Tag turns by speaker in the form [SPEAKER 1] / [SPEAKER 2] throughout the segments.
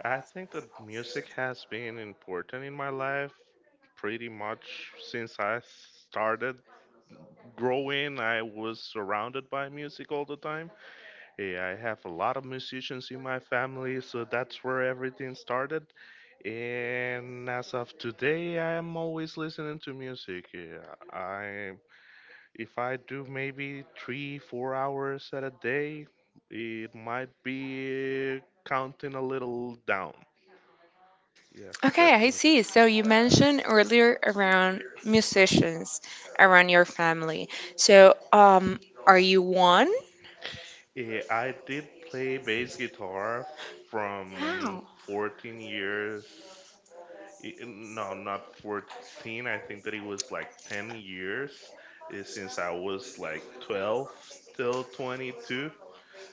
[SPEAKER 1] I think that music has been important in my life pretty much since I started growing. I was surrounded by music all the time. I have a lot of musicians in my family, so that's where everything started. And as of today, I am always listening to music. Eh, I if I do maybe 3 4 hours at a day, it might be counting a little down. Yes, definitely. Yeah, I did play bass guitar from 14 years. No, not 14. I think that it was like 10 years, since I was like 12 till 22.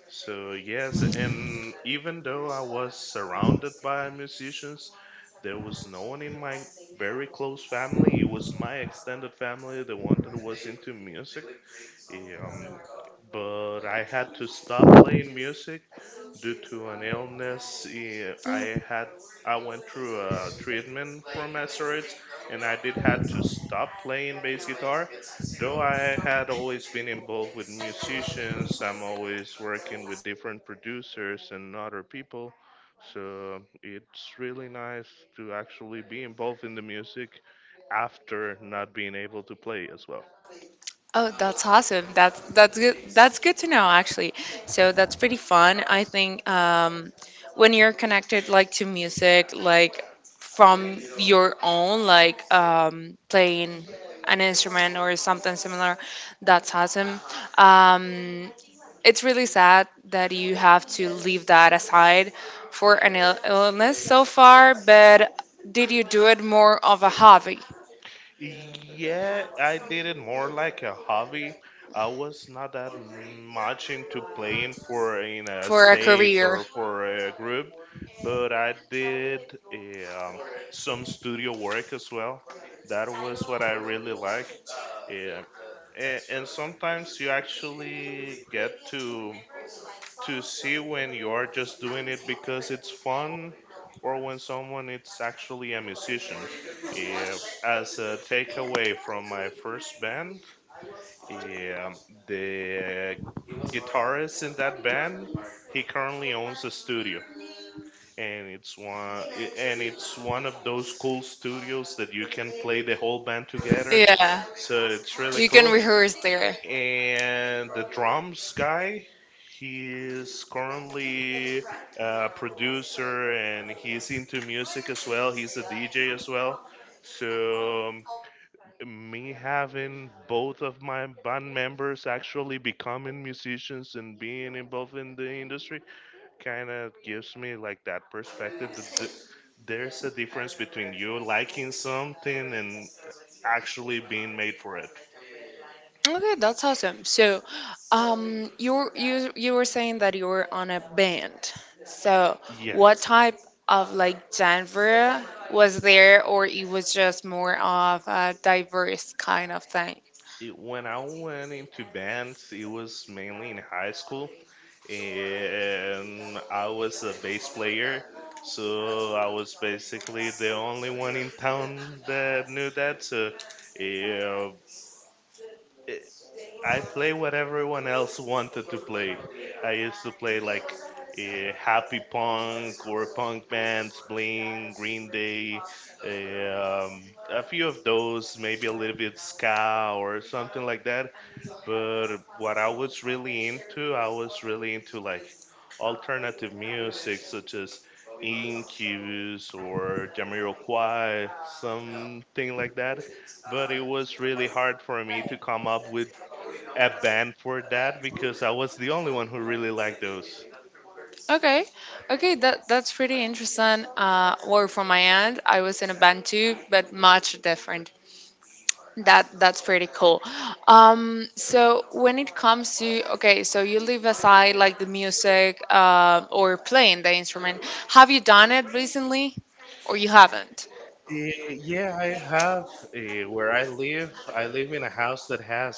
[SPEAKER 1] So, yes, and even though I was surrounded by musicians, there was no one in my very close family. It was my extended family, the one that was into music. Um, but I had to stop playing music due to an illness. I went through a treatment for steroids, and I did had to stop playing bass guitar. Though I had always been involved with musicians, I'm always working with different producers and other people. So it's really nice to actually be involved in the music after not being able to play as well. Yeah, I did it more like a hobby. I was not that much into playing for in a stage or for a group, but I did um, some studio work as well. That was what I really like. Yeah. And sometimes you actually get to see when you're just doing it because it's fun or when someone is actually a musician. Yeah, as a takeaway from my first band, yeah, the guitarist in that band, he currently owns a studio. And it's one and it's one of those cool studios that you can play the whole band together. So it's really cool. And the drums guy, he is currently a producer, and he's into music as well. He's a dj as well. So me having both of my band members actually becoming musicians and being involved in the industry kind of gives me like that perspective that there's a difference between you liking something and actually being made for it. Yeah. When I went into bands, it was mainly in high school, and I was a bass player. So I was basically the only one in town that knew that. So I play what everyone else wanted to play. I used to play like happy punk or punk bands, Blink, Green Day, eh, um, a few of those, maybe a little bit ska or something like that, but what I was really into, I was really into like alternative music such as Incubus or Jamiroquai, something like that. But it was really hard for me to come up with a band for that because I was the only one who really liked those. Yeah, I have. Where I live in a house that has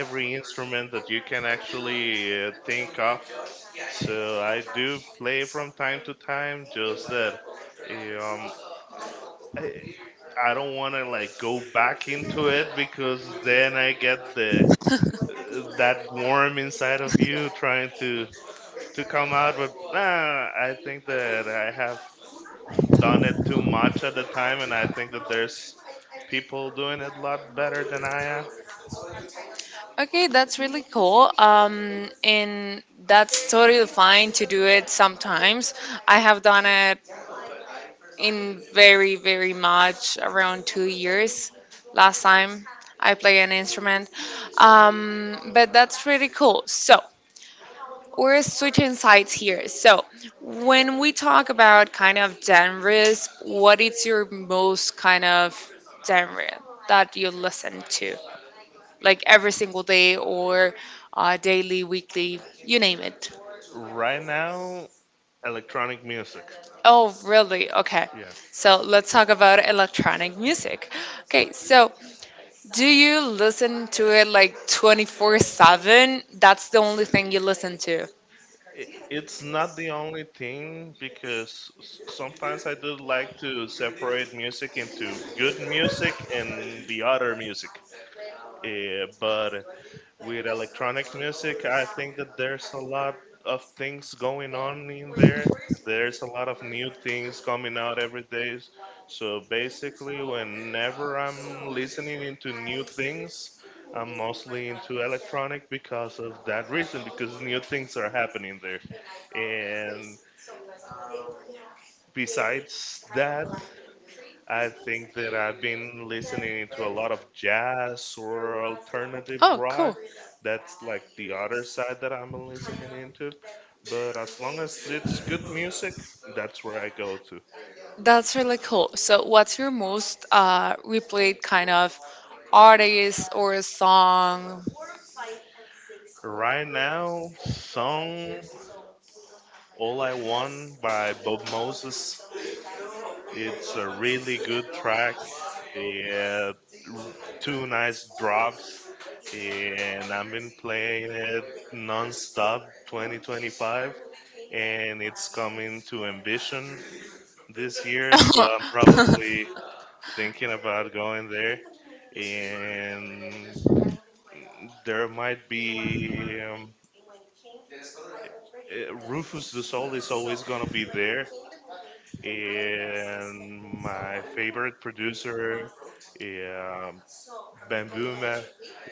[SPEAKER 1] every instrument that you can actually think of. So I do play from time to time, just that eh, um, I, I don't want to like go back into it because then I get the that worm inside of you trying to come out. But nah, I think that I have done it too much at the time, and I think that there's people doing it a lot better than I am. Right now, electronic music. Yeah. It's not the only thing because sometimes I do like to separate music into good music and the other music. But with electronic music, I think that there's a lot of things going on in there. There's a lot of new things coming out every day. So basically, whenever I'm listening into new things, I'm mostly into electronic because of that reason, because new things are happening there. And besides that, I think that I've been listening to a lot of jazz or alternative rock. That's like the other side that I'm listening into. But as long as it's good music, that's where I go to. Right now, song All I Want by Bob Moses. It's a really good track. It two nice drops, and I've been playing it nonstop 2025, and it's coming to Ambition this year, so I'm probably thinking about going there. And there might be Rufus the Soul is always gonna be there, and my favorite producer, yeah, Bambuma,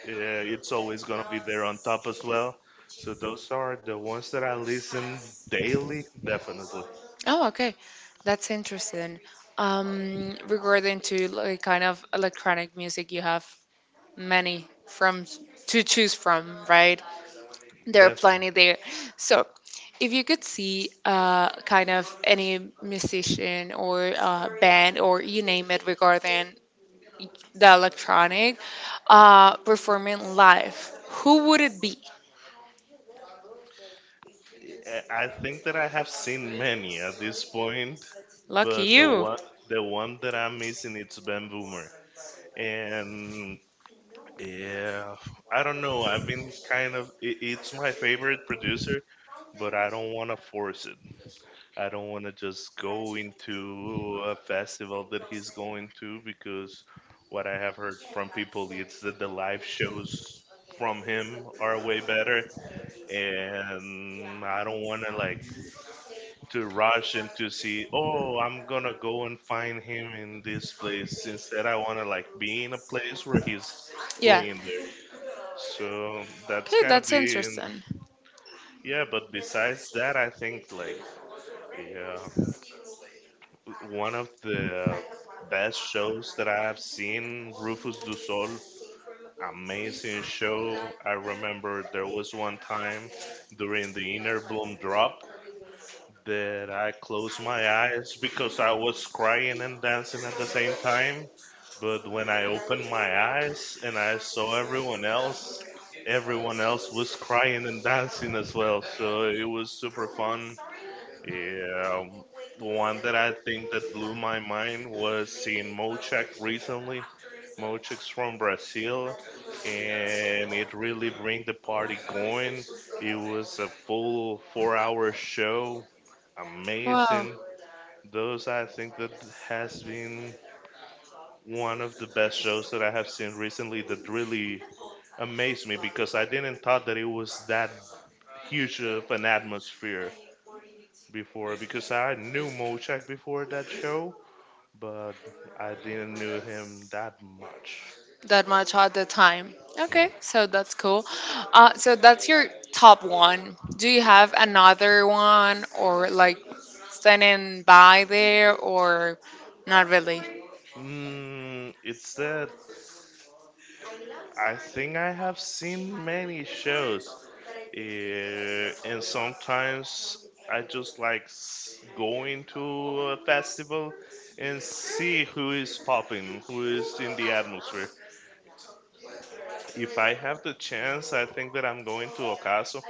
[SPEAKER 1] yeah, it's always gonna be there on top as well. So those are the ones that I listen daily, definitely. Definitely. I think that I have seen many at this point, but the one that I'm missing it's Ben Boomer. And yeah, I don't know. I've been kind of it's my favorite producer, but I don't want to force it. I don't want to just go into a festival that he's going to because what I have heard from people is that the live shows from him are way better, and I don't want to like to rush and to see, oh, I'm going to go and find him in this place. Instead, I want to like be in a place where he's playing there. So that's kind of being. Yeah, but besides that I think like, yeah, one of the best shows that I've seen, Rufus Du Sol. Amazing show. I remember there was one time during the Inner Bloom drop that I closed my eyes because I was crying and dancing at the same time. But when I opened my eyes and I saw everyone else was crying and dancing as well. So it was super fun. Yeah. The one that I think that blew my mind was seeing Mochak recently. Mochak's from Brazil, and it really bring the party going. It was a full 4-hour show, amazing. Those I think that has been one of the best shows that I have seen recently. That really amazed me because I didn't thought that it was that huge of an atmosphere before because I knew Mochak before that show, but I didn't knew him that much. Yeah. Mm, it's that I think I have seen many shows, and sometimes I just like going to a festival and see who is popping, who is in the atmosphere. If I have the chance, I think that I'm going to Ocaso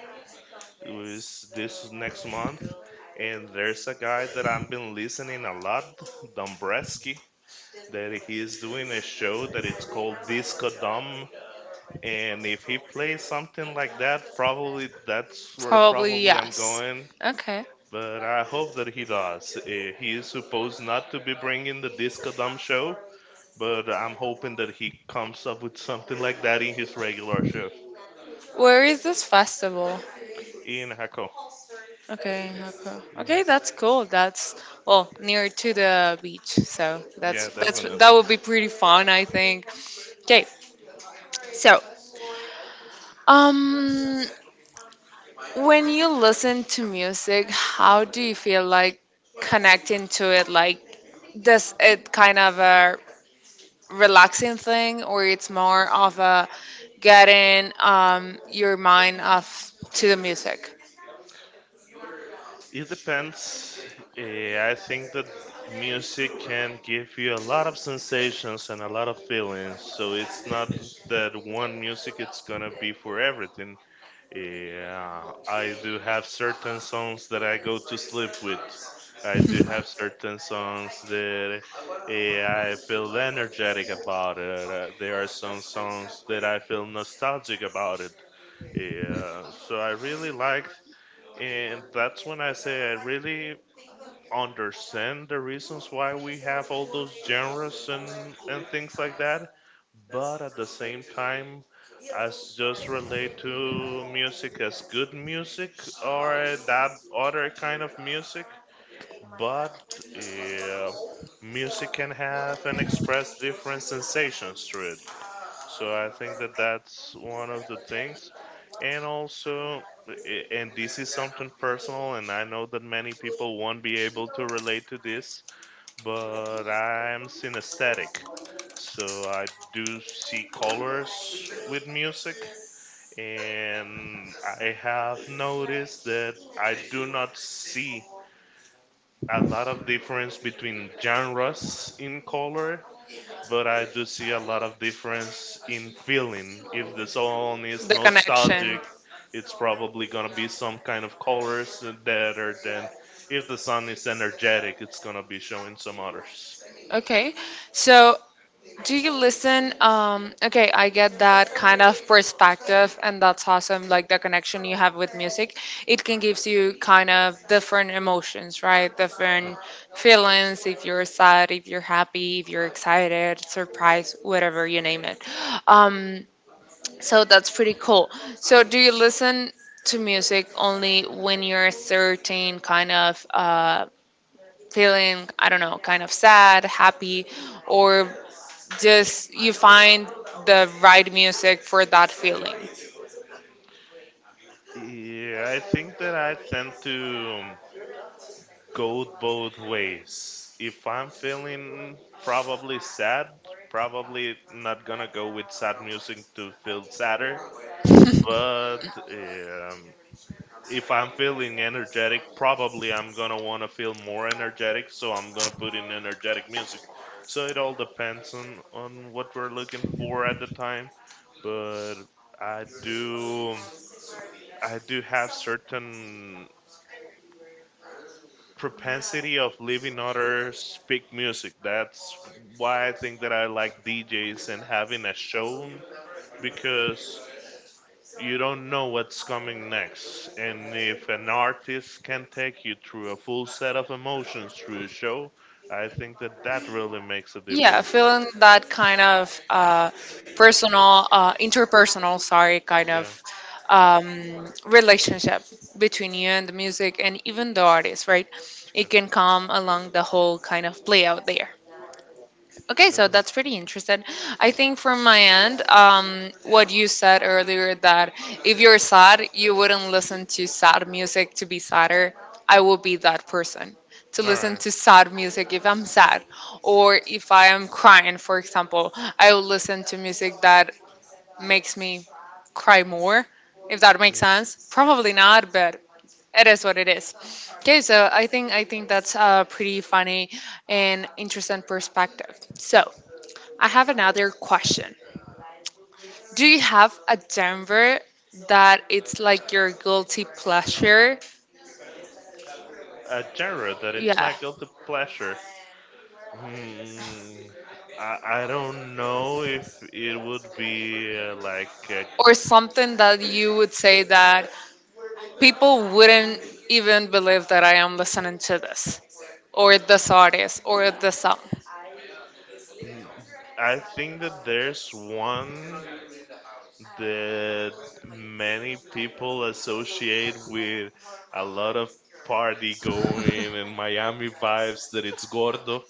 [SPEAKER 1] who is this next month. And there's a guy that I've been listening a lot, Dombreski, that he is doing a show that it's called Disco Dom. And if he plays something like that, probably that's where probably I'm going. But I hope that he does. He is supposed not to be bringing the Disco Dom show, but I'm hoping that he comes up with something like that in his regular show. In Hako. Yeah, yeah, definitely. It depends. I think that music can give you a lot of sensations and a lot of feelings. So it's not that one music it's gonna be for everything. Yeah, I do have certain songs that I go to sleep with. I do have certain songs that I feel energetic about it. There are some songs that I feel nostalgic about it. Yeah, so I really like, and that's when I say I really understand the reasons why we have all those genres and things like that. But at the same time, I just relate to music as good music or that other kind of music. But yeah, music can have and express different sensations through it. So I think that that's one of the things. And also, and this is something personal, and I know that many people won't be able to relate to this, but I'm synesthetic. So I do see colors with music, and I have noticed that I do not see a lot of difference between genres in color, but I do see a lot of difference in feeling. If the song is nostalgic, it's probably gonna be some kind of colors that are, then if the song is energetic, it's gonna be showing some others. Yeah, I think that I tend to go both ways. If I'm feeling probably sad, probably not gonna go with sad music to feel sadder. But if I'm feeling energetic, probably I'm gonna wanna feel more energetic, so I'm gonna put in energetic music. So it all depends on what we're looking for at the time, but I do I do have certain propensity of leaving others speak music. That's why I think that I like DJs and having a show because you don't know what's coming next. And if an artist can take you through a full set of emotions through a show, I think that that really makes a difference. Yeah, yeah, definitely. All right. A genre that it's my guilty pleasure. Hmm, I don't know if it would be like. Mm, I think that there's one that many people associate with a lot of party going and Miami vibes that it's Gordo.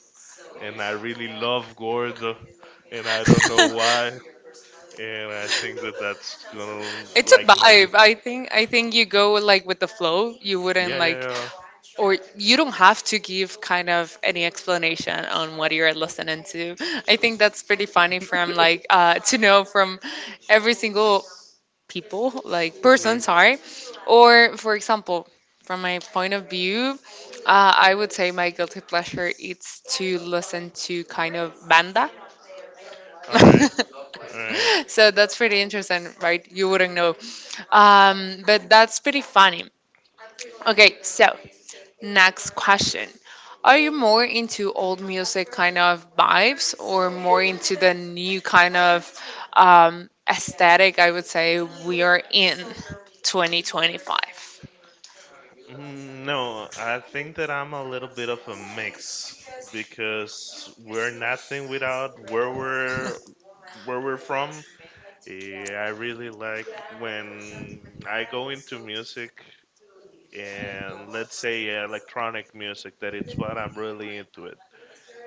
[SPEAKER 1] And I really love Gordo. And I don't know why. And I think that that's gonna like Yeah, yeah, yeah. Right. All right. All right. Mm, no, I think that I'm a little bit of a mix because we're nothing without where we're from. Yeah, I really like when I go into music and let's say electronic music, that it's what I'm really into it.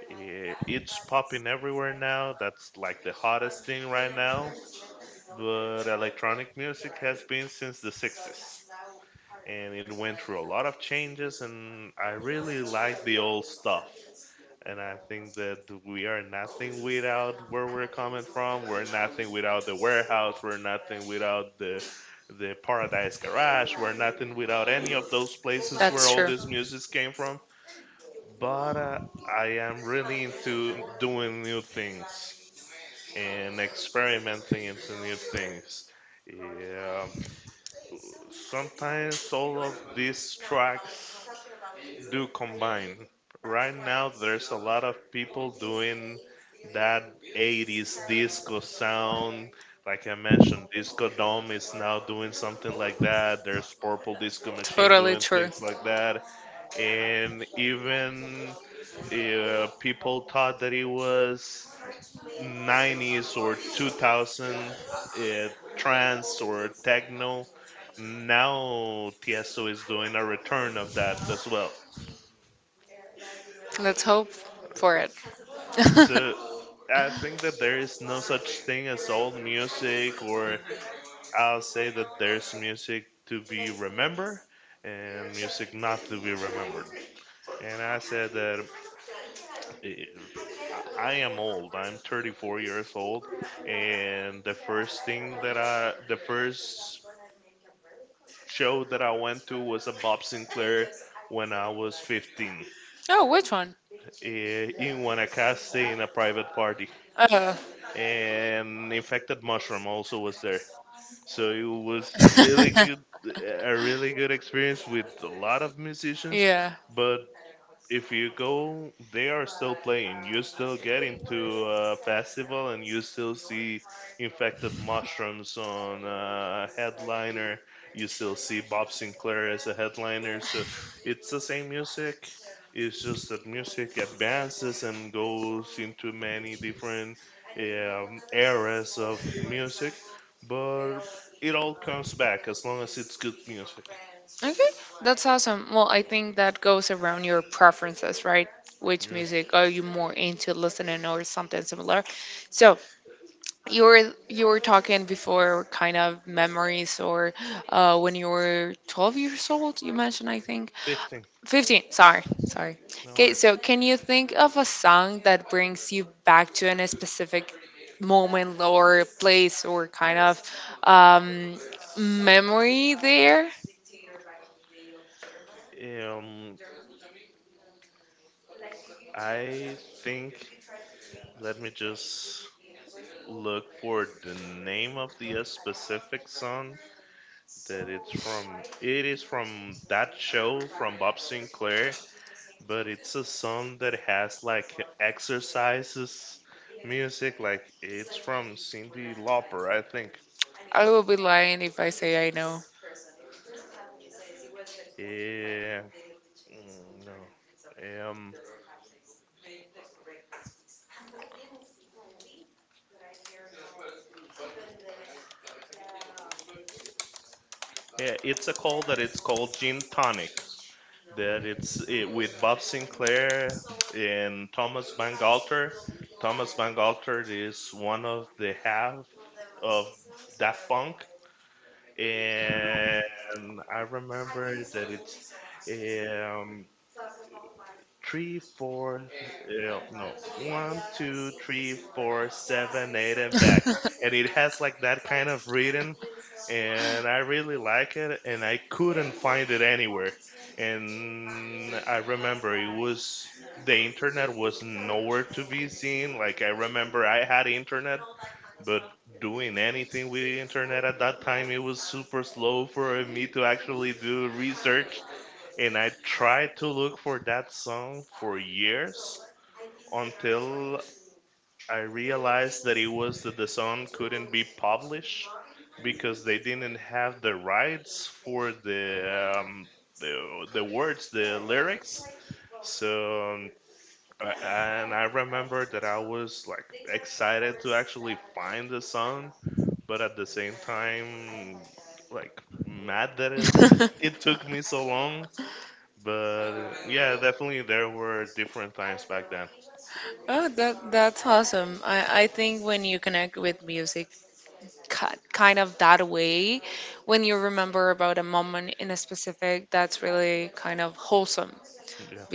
[SPEAKER 1] It's popping everywhere now. That's like the hottest thing right now. But electronic music has been since the 60s, and it went through a lot of changes, and I really like the old stuff. And I think that we are nothing without where we're coming from, we're nothing without the warehouse, we're nothing without the paradise garage, we're nothing without any of those places where all this music came from. But I am really into doing new things and experimenting into new things. Yeah, sometimes all of these tracks do combine. Right now, there's a lot of people doing that 80s disco sound. Like I mentioned, Disco Dome is now doing something like that. There's Purple Disco Machine doing things like that. And even people thought that it was 90s or 2000 uh, trance or techno. Now, Tiesto is doing a return of that as well. So I think that there is no such thing as old music, or I'll say that there's music to be remembered and music not to be remembered. And I said that eh, I am old. I'm 34 years old, and the first show that I went to was a Bob Sinclair when I was 15, in Guanacaste in a private party, and infected mushroom also was there. So it was a really good experience with a lot of musicians. But if you go, they are still playing. You still get into a festival and you still see infected mushrooms on a headliner. You still see Bob Sinclair as a headliner. So it's the same music. It's just that music advances and goes into many different eras of music, but it all comes back as long as it's good music. Yeah. 15. No worries. Um, I think let me just look for the name of the specific song that it's from. It is from that show from Bob Sinclair, but it's a song that has like exercises music. Like it's from Cindy Lauper, I think. Yeah, mm, no. Yeah, it's a call that it's called Gin Tonic, with Bob Sinclair and Thomas Bangalter. Thomas Bangalter is one of the half of Daft Punk, and I remember that it's um, three, four, no, one, two, three, four, seven, eight, and back, and it has like that kind of rhythm, and I really like it, and I couldn't find it anywhere. And I remember it was, the internet was nowhere to be seen. Like I remember I had internet, but doing anything with the internet at that time it was super slow for me to actually do research. And I tried to look for that song for years until I realized that it was that the song couldn't be published because they didn't have the rights for the the words, the lyrics. So and I remember that I was like excited to actually find the song, but at the same time, like mad that it, it took me so long. But yeah, definitely there were different times back then. Yeah.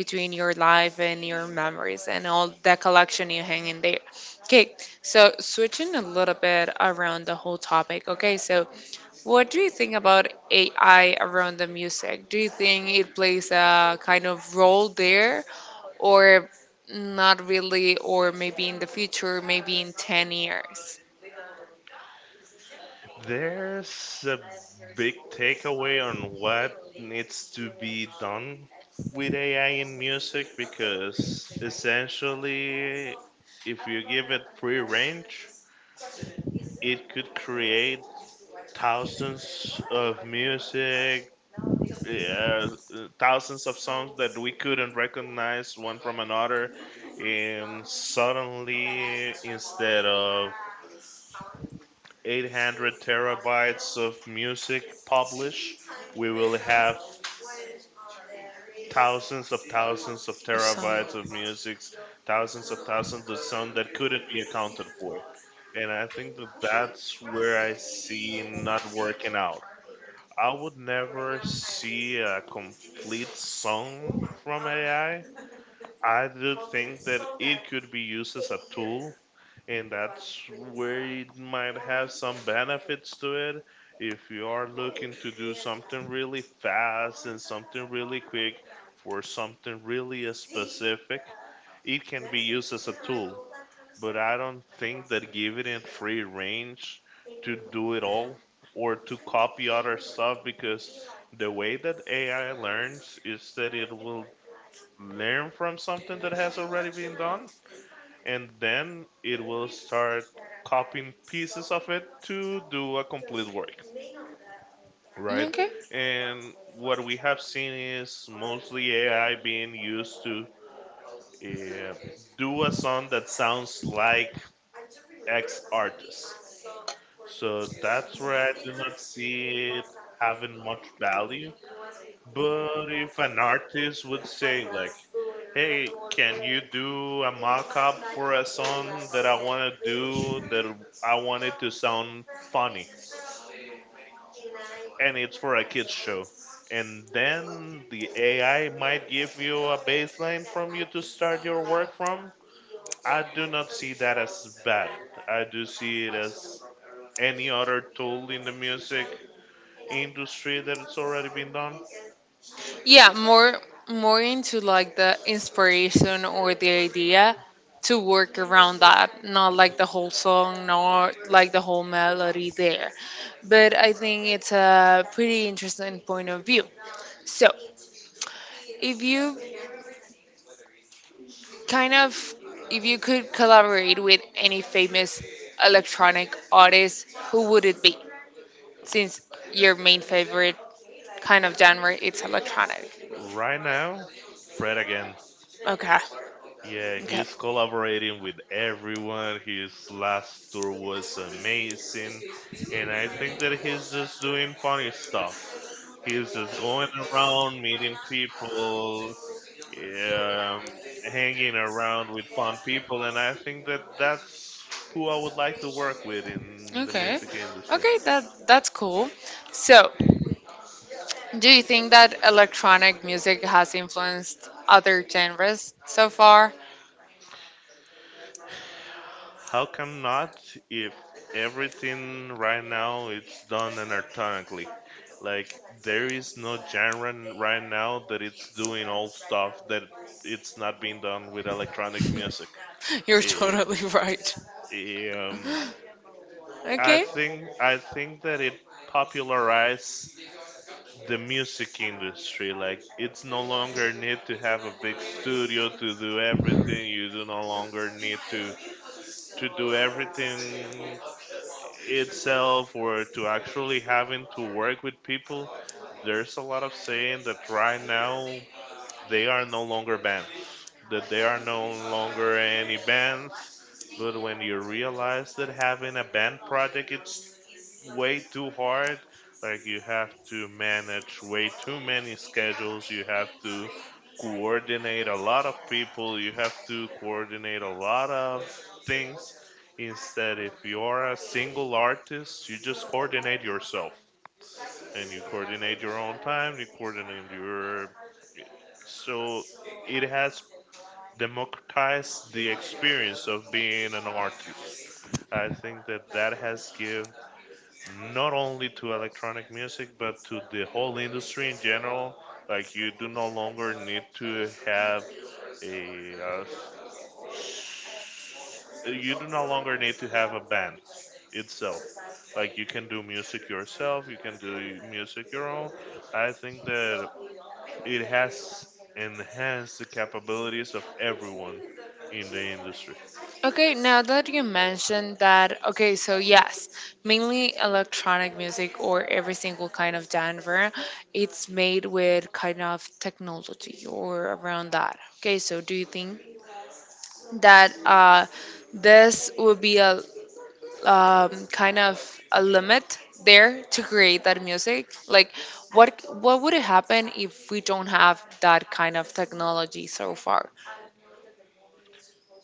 [SPEAKER 1] There's a big takeaway on what needs to be done with AI in music because essentially, if you give it free range, it could create thousands of music, uh, thousands of songs that we couldn't recognize one from another. And suddenly, instead of 800 terabytes of music published, we will have thousands of terabytes of music, thousands of sound that couldn't be accounted for. And I think that that's where I see not working out. I would never see a complete song from AI. I do think that it could be used as a tool, and that's where it might have some benefits to it. If you are looking to do something really fast and something really quick for something really specific, it can be used as a tool. But I don't think that giving it free range to do it all or to copy other stuff, because the way that AI learns is that it will learn from something that has already been done, and then it will start copying pieces of it to do a complete work, right? And what we have seen is mostly AI being used to uh, do a song that sounds like x artist. So that's where I do not see it having much value. But if an artist would say like, hey, can you do a mock-up for a song that I want to do, that I want it to sound funny? And it's for a kids show. And then the AI might give you a baseline from you to start your work from. I do not see that as bad. I do see it as any other tool in the music industry that it's already been done. Right now, Fred again. Yeah, he's collaborating with everyone. His last tour was amazing. And I think that he's just doing funny stuff. He's just going around meeting people, um, hanging around with fun people. And I think that that's who I would like to work with in the music industry. How come not, if everything right now it's done electronically? Like there is no right now that it's doing all stuff that it's not being done with electronic music. Eh, eh, um, I think that it popularized the music industry. Like it's no longer need to have a big studio to do everything. You do no longer need to do everything itself or to actually having to work with people. There's a lot of saying that right now they are no longer bands, that they are no longer any bands. But when you realize that having a band project, it's way too hard. Like you have to manage way too many schedules. You have to coordinate a lot of people. You have to coordinate a lot of things. Instead, if you're a single artist, you just coordinate yourself and you coordinate your own time. You coordinate your, so it has democratized the experience of being an artist. I think that that has give not only to electronic music but to the whole industry in general. Like you do no longer need to have a s- you do no longer need to have a band itself. Like you can do music yourself, you can do music your own. I think that it has enhanced the capabilities of everyone in the industry.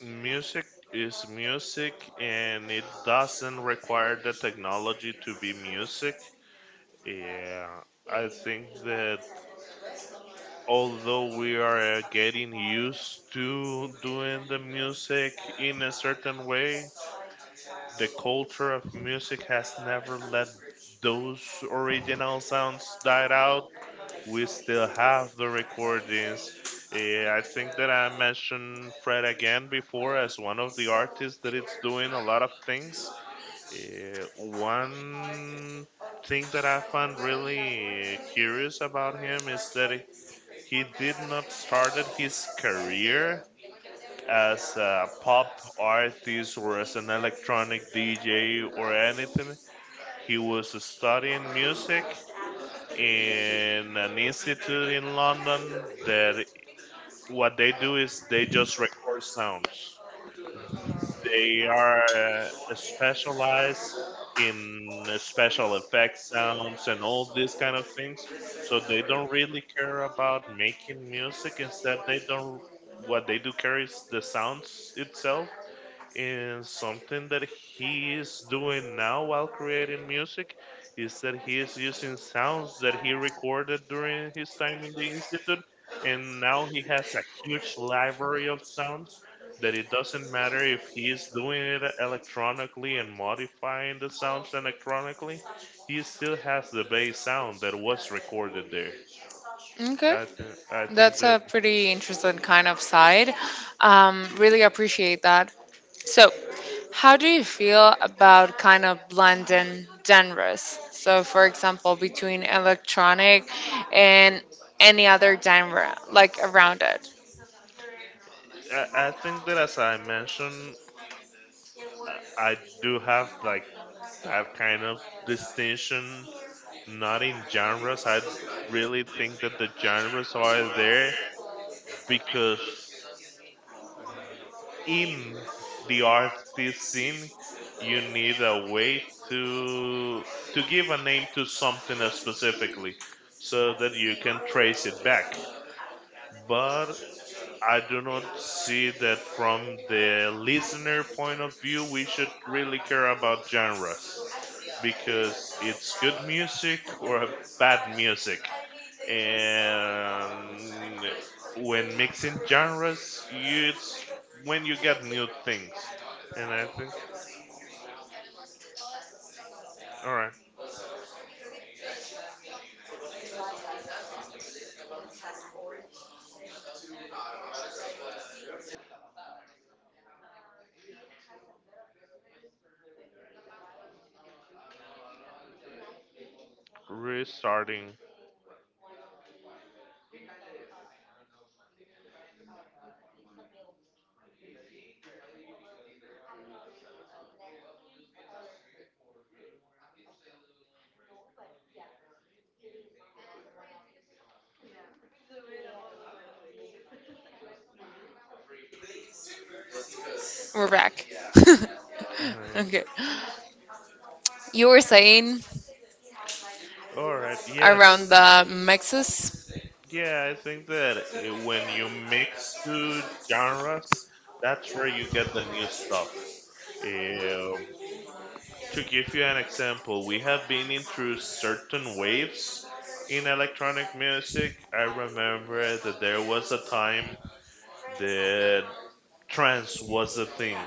[SPEAKER 1] Music is music and it doesn't require the technology to be music. Yeah, I think that although we are getting used to doing the music in a certain way, the culture of music has never let those original sounds die out. We still have the recordings. I think that I mentioned Fred again before as one of the artists that it's doing a lot of things. One thing that I find really curious about him is that he did not started his career as a pop artist or as an electronic DJ or anything. He was studying music in an institute in London that what they do is they just record sounds. They are specialized in special effect sounds and all these kind of things. So they don't really care about making music. Instead, they don't. What they do care is the sounds itself, and something that he is doing now while creating music is that he is using sounds that he recorded during his time in the institute, and now he has a huge library of sounds that it doesn't matter if he is doing it electronically and modifying the sounds electronically, he still has the bass sound that was recorded there. I think I think that I think that as I mentioned, I I do have like that kind of distinction, not in genres. I really think that the genres are there because in the artist scene, you need a way to give a name to something specifically, so that you can trace it back. But I do not see that from the listener point of view, we should really care about genres, because it's good music or bad music. And when mixing genres, you, it's when you get new things. And I think, all right, restarting.
[SPEAKER 2] We're back.
[SPEAKER 1] All right,
[SPEAKER 2] Okay. You were saying
[SPEAKER 1] all right. Yes,
[SPEAKER 2] around the mixes.
[SPEAKER 1] yeah. I think that when you mix two genres, that's where you get the new stuff. Uh, To give you an example, we have been in through certain waves in electronic music. I remember that there was a time that trance was the thing,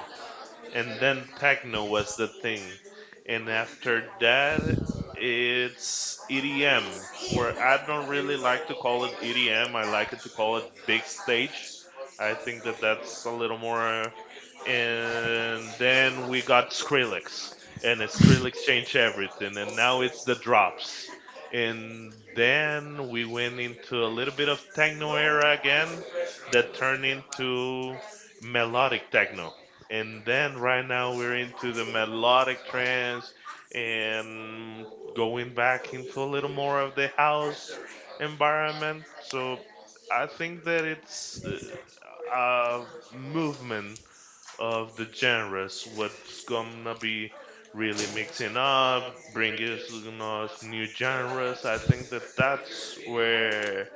[SPEAKER 1] and then techno was the thing, and after that it's EDM. Or I don't really like to call it EDM, I like it to call it big stage. I think that that's a little more. And then we got Skrillex, and Skrillex changed everything, and now it's the drops. And then we went into a little bit of techno era again, that turned into melodic techno, and then right now we're into the melodic trance, and going back into a little more of the house environment. So I think that it's a movement of the genres what's gonna be really mixing up, bringing us new genres. I think that that's where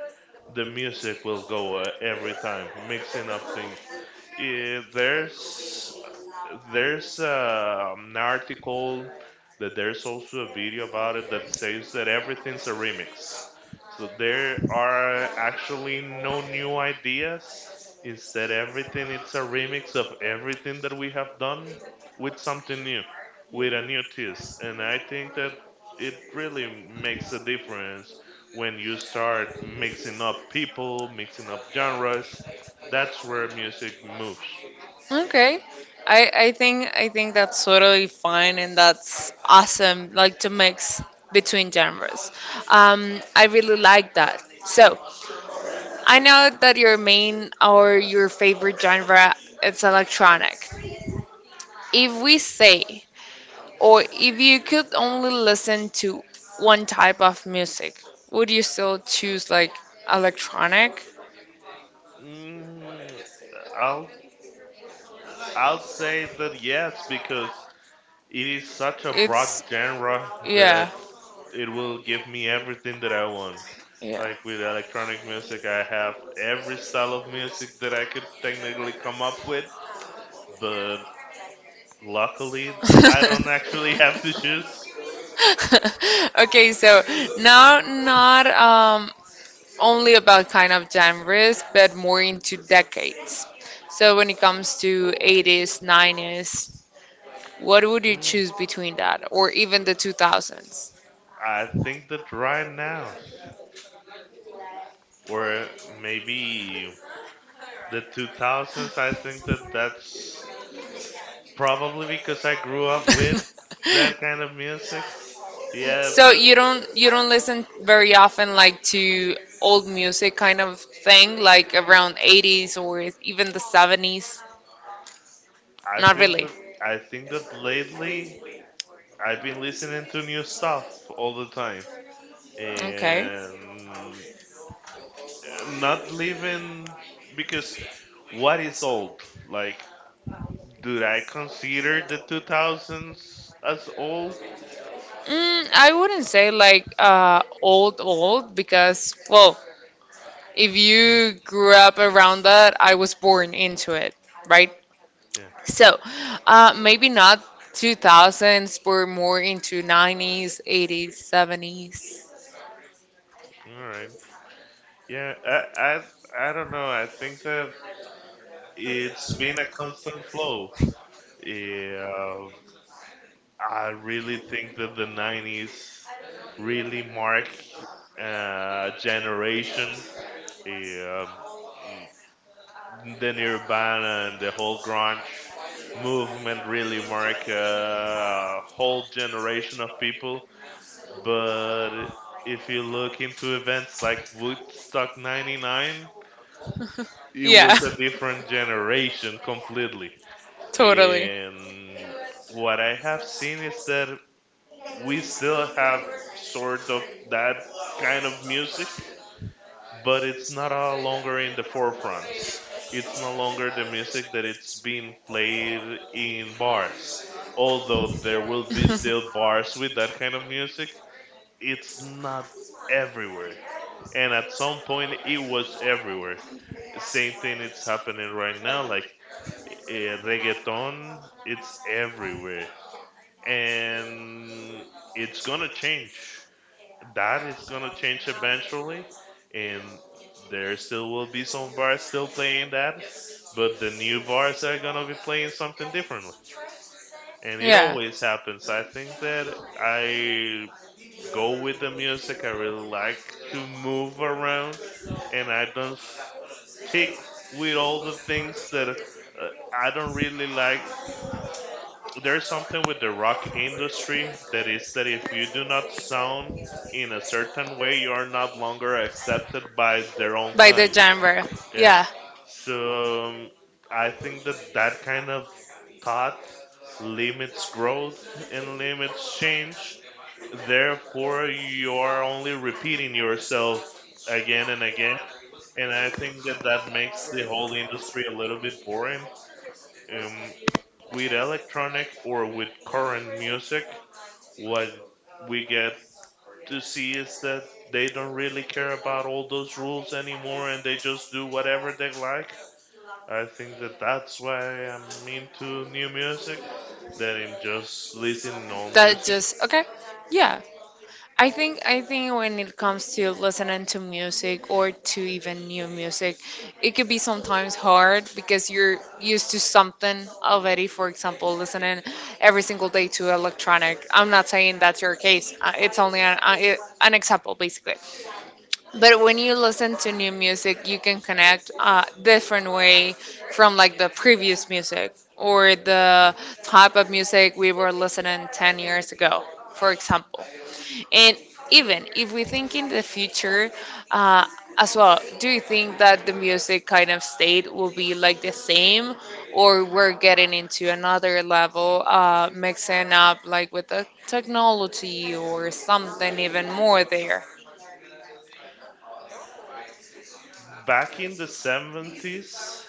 [SPEAKER 1] the music will go, every time, mixing up things. Eh, there's there's an article, that there's also a video about it, that says that everything's a remix. So there are actually no new ideas. Instead, everything it's a remix of everything that we have done with something new, with a new twist. And I think that it really makes a difference when you start mixing up people, mixing up genres. That's where music moves.
[SPEAKER 2] Okay. I think that's totally fine and that's awesome, like to mix between genres. I really like that. So I know that your main or your favorite genre is electronic. If we say Or if you could only listen to one type of music, would you still choose like electronic?
[SPEAKER 1] Mm, I'll I'll say that yes, because it is such a broad
[SPEAKER 2] It's
[SPEAKER 1] genre that
[SPEAKER 2] yeah,
[SPEAKER 1] it will give me everything that I want.
[SPEAKER 2] yeah.
[SPEAKER 1] Like with electronic music, I have every style of music that I could technically come up with, but luckily I don't actually have to choose.
[SPEAKER 2] Okay, so now not only about kind of genres, but more into decades. So when it comes to 80s, 90s, what would you
[SPEAKER 1] Ooh,
[SPEAKER 2] choose between that or even the 2000s?
[SPEAKER 1] I think that right now, or maybe the 2000s. I think that that's probably because I grew up with that kind of music. Yeah,
[SPEAKER 2] So
[SPEAKER 1] but
[SPEAKER 2] you don't listen very often like to old music kind of thing like around 80s or even the 70s?
[SPEAKER 1] I
[SPEAKER 2] Not
[SPEAKER 1] think
[SPEAKER 2] really.
[SPEAKER 1] that I think that lately I've been listening to new stuff all the time,
[SPEAKER 2] Okay.
[SPEAKER 1] and not living, because what is old? Like, do I consider the 2000s as old?
[SPEAKER 2] Mm, I wouldn't say like old old because well, if you grew up around that, I was born into it, right?
[SPEAKER 1] Yeah.
[SPEAKER 2] So, maybe not 2000s, but more into 90s, 80s, 70s.
[SPEAKER 1] All right. Yeah. I don't know. I think that it's been a constant flow. Yeah, I really think that the 90s really mark a generation. Yeah, the Nirvana and the whole grunge movement really mark a whole generation of people. But if you look into events like Woodstock 99, it
[SPEAKER 2] Yeah,
[SPEAKER 1] was a different generation completely.
[SPEAKER 2] totally.
[SPEAKER 1] And what I have seen is that we still have sort of that kind of music, but it's not longer in the forefronts. It's no longer the music that it's being played in bars. Although there will be still bars with that kind of music, it's not everywhere. And at some point, it was everywhere. Same thing it's happening right now. Like reggaeton it's everywhere, and it's gonna change, that is gonna change eventually, and there still will be some bars still playing that, but the new bars are gonna be playing something differently, and it
[SPEAKER 2] Yeah.
[SPEAKER 1] always happens. I think that I go with the music, I really like to move around, and I don't stick with all the things that I don't really like. There's something with the rock industry that is, that if you do not sound in a certain way, you are not longer accepted by their own
[SPEAKER 2] By the way.
[SPEAKER 1] kind.
[SPEAKER 2] Genre.
[SPEAKER 1] Yeah.
[SPEAKER 2] Yeah,
[SPEAKER 1] So I think that that kind of thought limits growth and limits change. Therefore, you are only repeating yourself again and again. And I think that that makes the whole industry a little bit boring. Um, with electronic or with current music, what we get to see is that they don't really care about all those rules anymore, and they just do whatever they like. I think that that's why I'm into new music than in just listening old
[SPEAKER 2] that
[SPEAKER 1] music.
[SPEAKER 2] just okay. Yeah, I think when it comes to listening to music or to even new music, it could be sometimes hard because you're used to something already. For example, listening every single day to electronic. I'm not saying that's your case. It's only an example, basically. But when you listen to new music, you can connect a different way from like the previous music or the type of music we were listening 10 years ago, for example. And even if we think in the future uh, as well, do you think that the music kind of state will be like the same or we're getting into another level, mixing up like with the technology or something even more there?
[SPEAKER 1] Back in the 70s,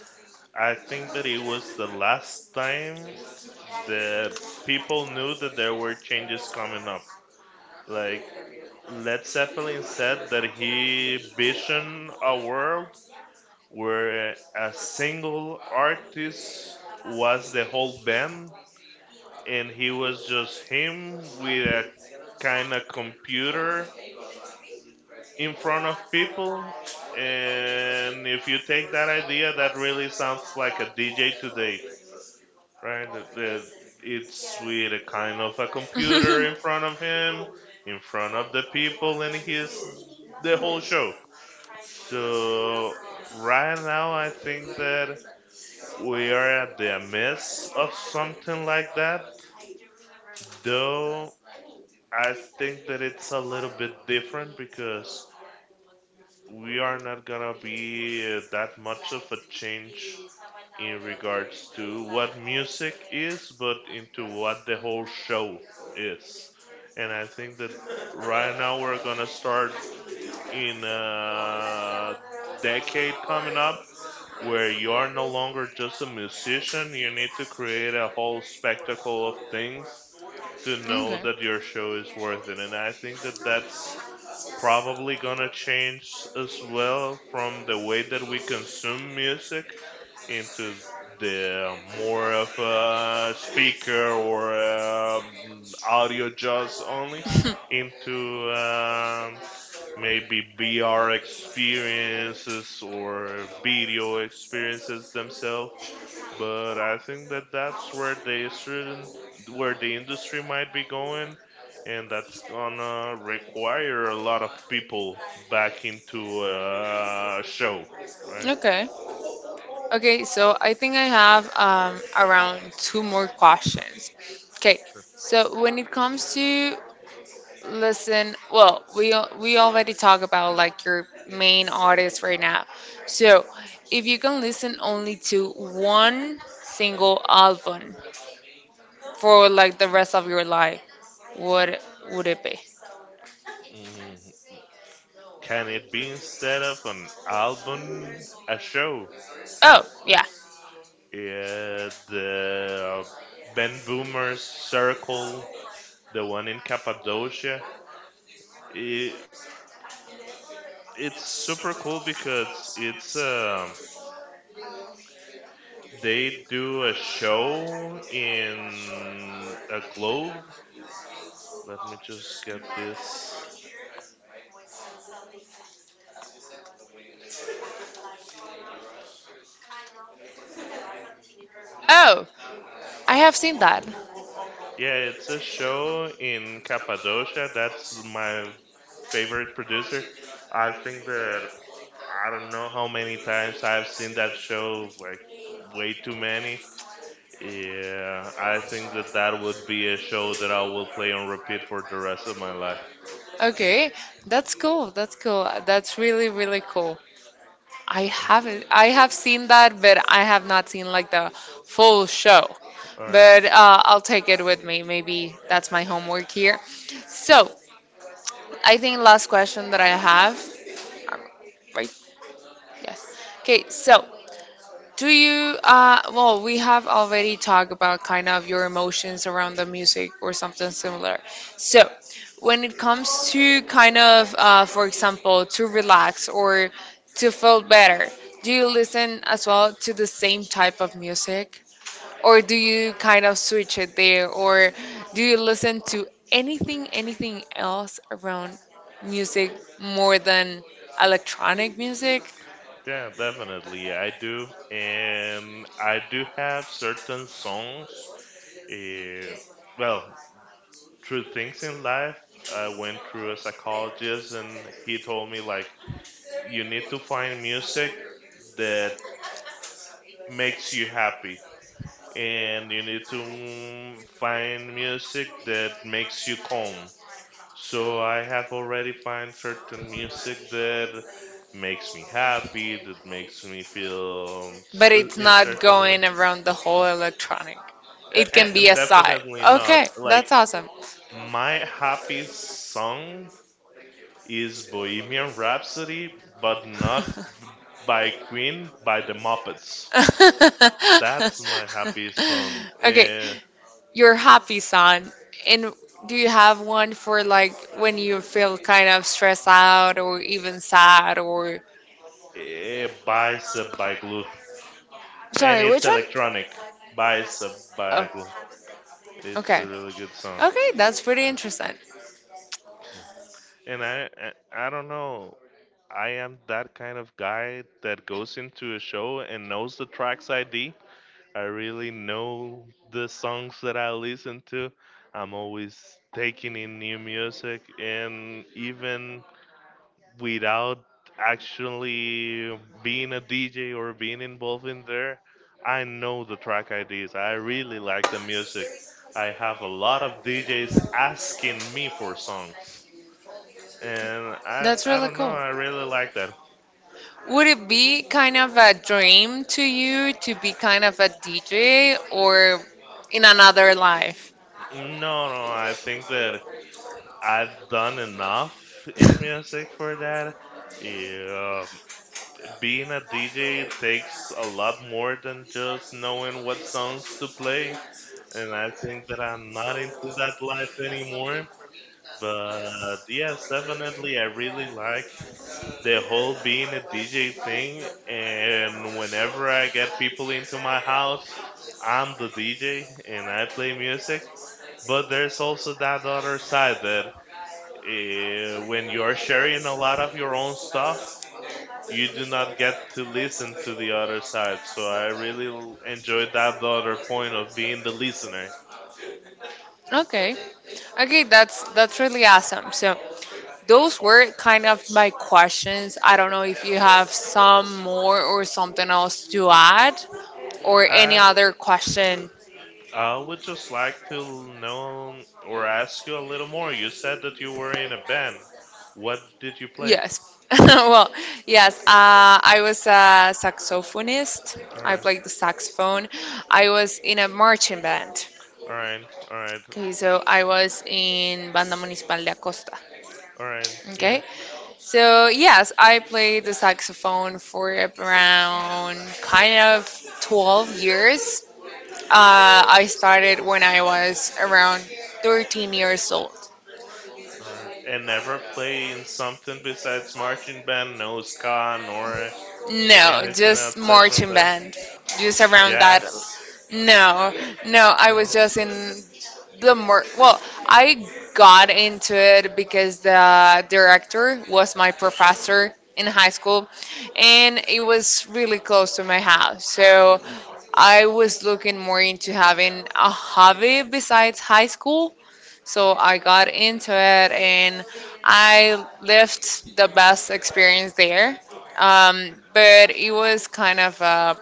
[SPEAKER 1] I think that it was the last time that people knew that there were changes coming up. Like Led Zeppelin said that he visioned a world where a single artist was the whole band, and he was just him with a kind of computer in front of people. And if you take that idea, that really sounds like a DJ today, right? That- that It's with a kind of a computer in front of him, in front of the people, and he's the whole show. So right now, I think that we are at the midst of something like that. Though I think that it's a little bit different, because we are not gonna be that much of a change in regards to what music is, but into what the whole show is. And I think that right now we're gonna start in a decade coming up, where you are no longer just a musician, you need to create a whole spectacle of things to know that your show is worth it. And I think that that's probably gonna change as well, from the way that we consume music into the more of a speaker, or audio just only, into maybe VR experiences or video experiences themselves. But I think that that's where the student, where the industry might be going, and that's gonna require a lot of people back into a show, right?
[SPEAKER 2] Okay. Okay, so I think I have around two more questions. Okay,
[SPEAKER 1] Sure.
[SPEAKER 2] so when it comes to listen, well, we already talk about like your main artist right now. So if you can listen only to one single album for like the rest of your life, what would it be?
[SPEAKER 1] Mm, can it be instead of an album, a show?
[SPEAKER 2] Oh, yeah.
[SPEAKER 1] Yeah, the Ben Boomer's circle, the one in Cappadocia. It, it's super cool because it's they do a show in a globe. Let me just get this.
[SPEAKER 2] Oh, I have seen that.
[SPEAKER 1] Yeah, it's a show in Cappadocia. That's my favorite producer. I think that I don't know how many times I've seen that show, like way too many. Yeah, I think that that would be a show that I will play on repeat for the rest of my life.
[SPEAKER 2] Okay, that's cool. That's cool. That's really, really cool. I haven't. I have seen that, but I have not seen like the full show.
[SPEAKER 1] All right.
[SPEAKER 2] But I'll take it with me. Maybe that's my homework here. So I think last question that I have, um, right? Yes. Okay. So do you, well, we have already talked about kind of your emotions around the music or something similar. So, when it comes to kind of, for example, to relax or to feel better, do you listen as well to the same type of music? Or do you kind of switch it there? Or do you listen to anything else around music more than electronic music?
[SPEAKER 1] Yeah, definitely. I do. And I do have certain songs. eh, well, through things in life, I went through a psychologist and he told me, like, you need to find music that makes you happy. And you need to, mm, find music that makes you calm. So I have already find certain music that makes me happy, that makes me feel
[SPEAKER 2] But it's
[SPEAKER 1] in a
[SPEAKER 2] not
[SPEAKER 1] certain way.
[SPEAKER 2] going around the whole electronic. It can
[SPEAKER 1] A-
[SPEAKER 2] be
[SPEAKER 1] And
[SPEAKER 2] a side.
[SPEAKER 1] definitely not
[SPEAKER 2] Okay,
[SPEAKER 1] like
[SPEAKER 2] that's awesome.
[SPEAKER 1] my happy song is Bohemian Rhapsody, but not by Queen, by the Muppets. That's my happy song.
[SPEAKER 2] Okay, your happy song. And do you have one for like when you feel kind of stressed out or even sad or
[SPEAKER 1] Bicep by Glue, and
[SPEAKER 2] sorry,
[SPEAKER 1] it's
[SPEAKER 2] which one?
[SPEAKER 1] electronic. Bicep by
[SPEAKER 2] Oh,
[SPEAKER 1] Glue. It's
[SPEAKER 2] okay.
[SPEAKER 1] a really good song.
[SPEAKER 2] Okay, that's pretty
[SPEAKER 1] Yeah.
[SPEAKER 2] interesting.
[SPEAKER 1] Yeah. And I don't know. I am that kind of guy that goes into a show and knows the tracks ID. I really know the songs that I listen to. I'm always taking in new music, and even without actually being a DJ or being involved in there, I know the track IDs. I really like the music. I have a lot of DJs asking me for songs, and I
[SPEAKER 2] That's
[SPEAKER 1] I
[SPEAKER 2] really
[SPEAKER 1] don't know.
[SPEAKER 2] cool.
[SPEAKER 1] I really like that.
[SPEAKER 2] Would it be kind of a dream to you to be kind of a DJ or in another life?
[SPEAKER 1] No, no, I think that I've done enough in music for that. Yeah, being a DJ takes a lot more than just knowing what songs to play, and I think that I'm not into that life anymore. But yes, definitely, I really like the whole being a DJ thing, and whenever I get people into my house, I'm the DJ and I play music. But there's also that other side, that when you're sharing a lot of your own stuff, you do not get to listen to the other side. So I really enjoyed that other point of being the listener.
[SPEAKER 2] Okay. Okay, that's really awesome. So those were kind of my questions. I don't know if you have some more or something else to add or any
[SPEAKER 1] I,
[SPEAKER 2] other question.
[SPEAKER 1] I would just like to know or ask you a little more. You said that you were in a band. What did you play?
[SPEAKER 2] Yes. Well, yes, I was a saxophonist.
[SPEAKER 1] All
[SPEAKER 2] I
[SPEAKER 1] right.
[SPEAKER 2] played the saxophone. I was in a marching band.
[SPEAKER 1] All right. All right.
[SPEAKER 2] Okay, so I was in Banda Municipal de Acosta.
[SPEAKER 1] All right. Yeah.
[SPEAKER 2] Okay, so yes, I played the saxophone for around kind of 12 years. I started when I was around 13 years old.
[SPEAKER 1] All right. And never play in something besides marching band, no ska, nor
[SPEAKER 2] No,
[SPEAKER 1] anything
[SPEAKER 2] just
[SPEAKER 1] outside from
[SPEAKER 2] marching
[SPEAKER 1] that.
[SPEAKER 2] band, just around that.
[SPEAKER 1] Jazz.
[SPEAKER 2] No, no, I
[SPEAKER 1] All right.
[SPEAKER 2] was just in well, I got into it because the director was my professor in high school, and it was really close to my house, so I was looking more into having a hobby besides high school. So I got into it and I lived the best experience there. But it was kind of a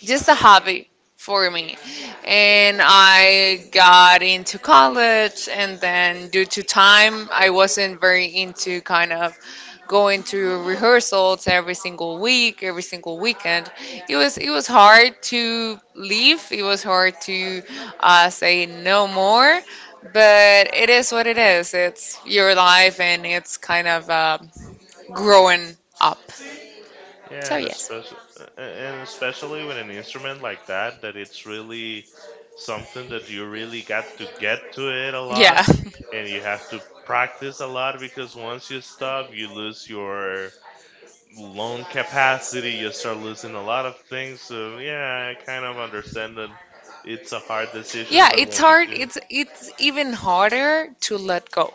[SPEAKER 2] just a hobby for me. And I got into college, and then due to time, I wasn't very into kind of going to rehearsals every single week, every single weekend. It was hard to leave. It was hard to say no more. But it is what it is. It's your life, and it's kind of growing up.
[SPEAKER 1] Yeah,
[SPEAKER 2] So
[SPEAKER 1] and
[SPEAKER 2] yes.
[SPEAKER 1] especially with an instrument like that, that it's really something that you really got to get to it a lot,
[SPEAKER 2] Yeah.
[SPEAKER 1] and you have to practice a lot, because once you stop, you lose your loan capacity, you start losing a lot of things. So yeah, I kind of understand that it's a hard decision,
[SPEAKER 2] Yeah,
[SPEAKER 1] but
[SPEAKER 2] it's
[SPEAKER 1] when you
[SPEAKER 2] hard.
[SPEAKER 1] do,
[SPEAKER 2] It's even harder to let go.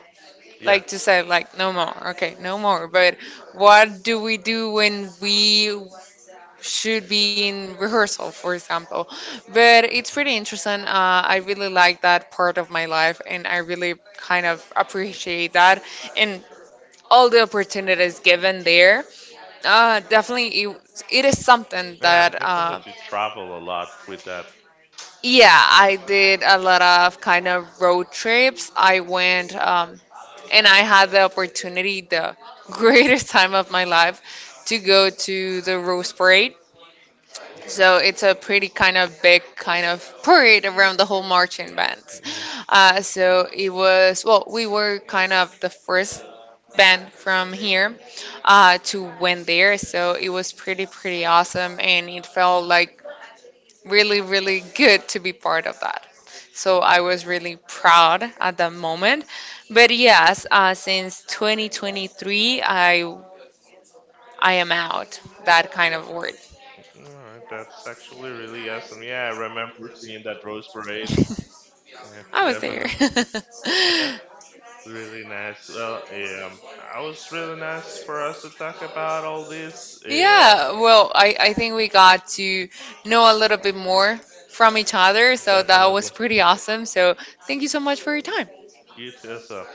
[SPEAKER 1] yeah.
[SPEAKER 2] Like to say like no more. Okay, no more. But what do we do when we should be in rehearsal, for example? But it's pretty interesting. I really like that part of my life and I really kind of appreciate that and all the opportunities given there. Definitely, it is something
[SPEAKER 1] And I'm
[SPEAKER 2] that,
[SPEAKER 1] guessing that you travel a lot with that.
[SPEAKER 2] yeah, I did a lot of kind of road trips. I went, and I had the opportunity, the greatest time of my life, to go to the Rose Parade. So it's a pretty kind of big kind of parade around the whole marching bands.
[SPEAKER 1] Yeah.
[SPEAKER 2] So it was, well, we were kind of the first band from here to win there. So it was pretty, pretty awesome. And it felt like really, really good to be part of that. So I was really proud at the moment. But yes, since 2023, I am out that kind of word.
[SPEAKER 1] All right, that's actually really awesome. Yeah, I remember seeing that Rose Parade. Yeah,
[SPEAKER 2] I was there.
[SPEAKER 1] definitely. Really nice. Well, I was really nice for us to talk about all this. Yeah,
[SPEAKER 2] Yeah, well, I think we got to know a little bit more from each other, so that was
[SPEAKER 1] definitely.
[SPEAKER 2] pretty awesome. So, thank you so much for your time.
[SPEAKER 1] You too, as well.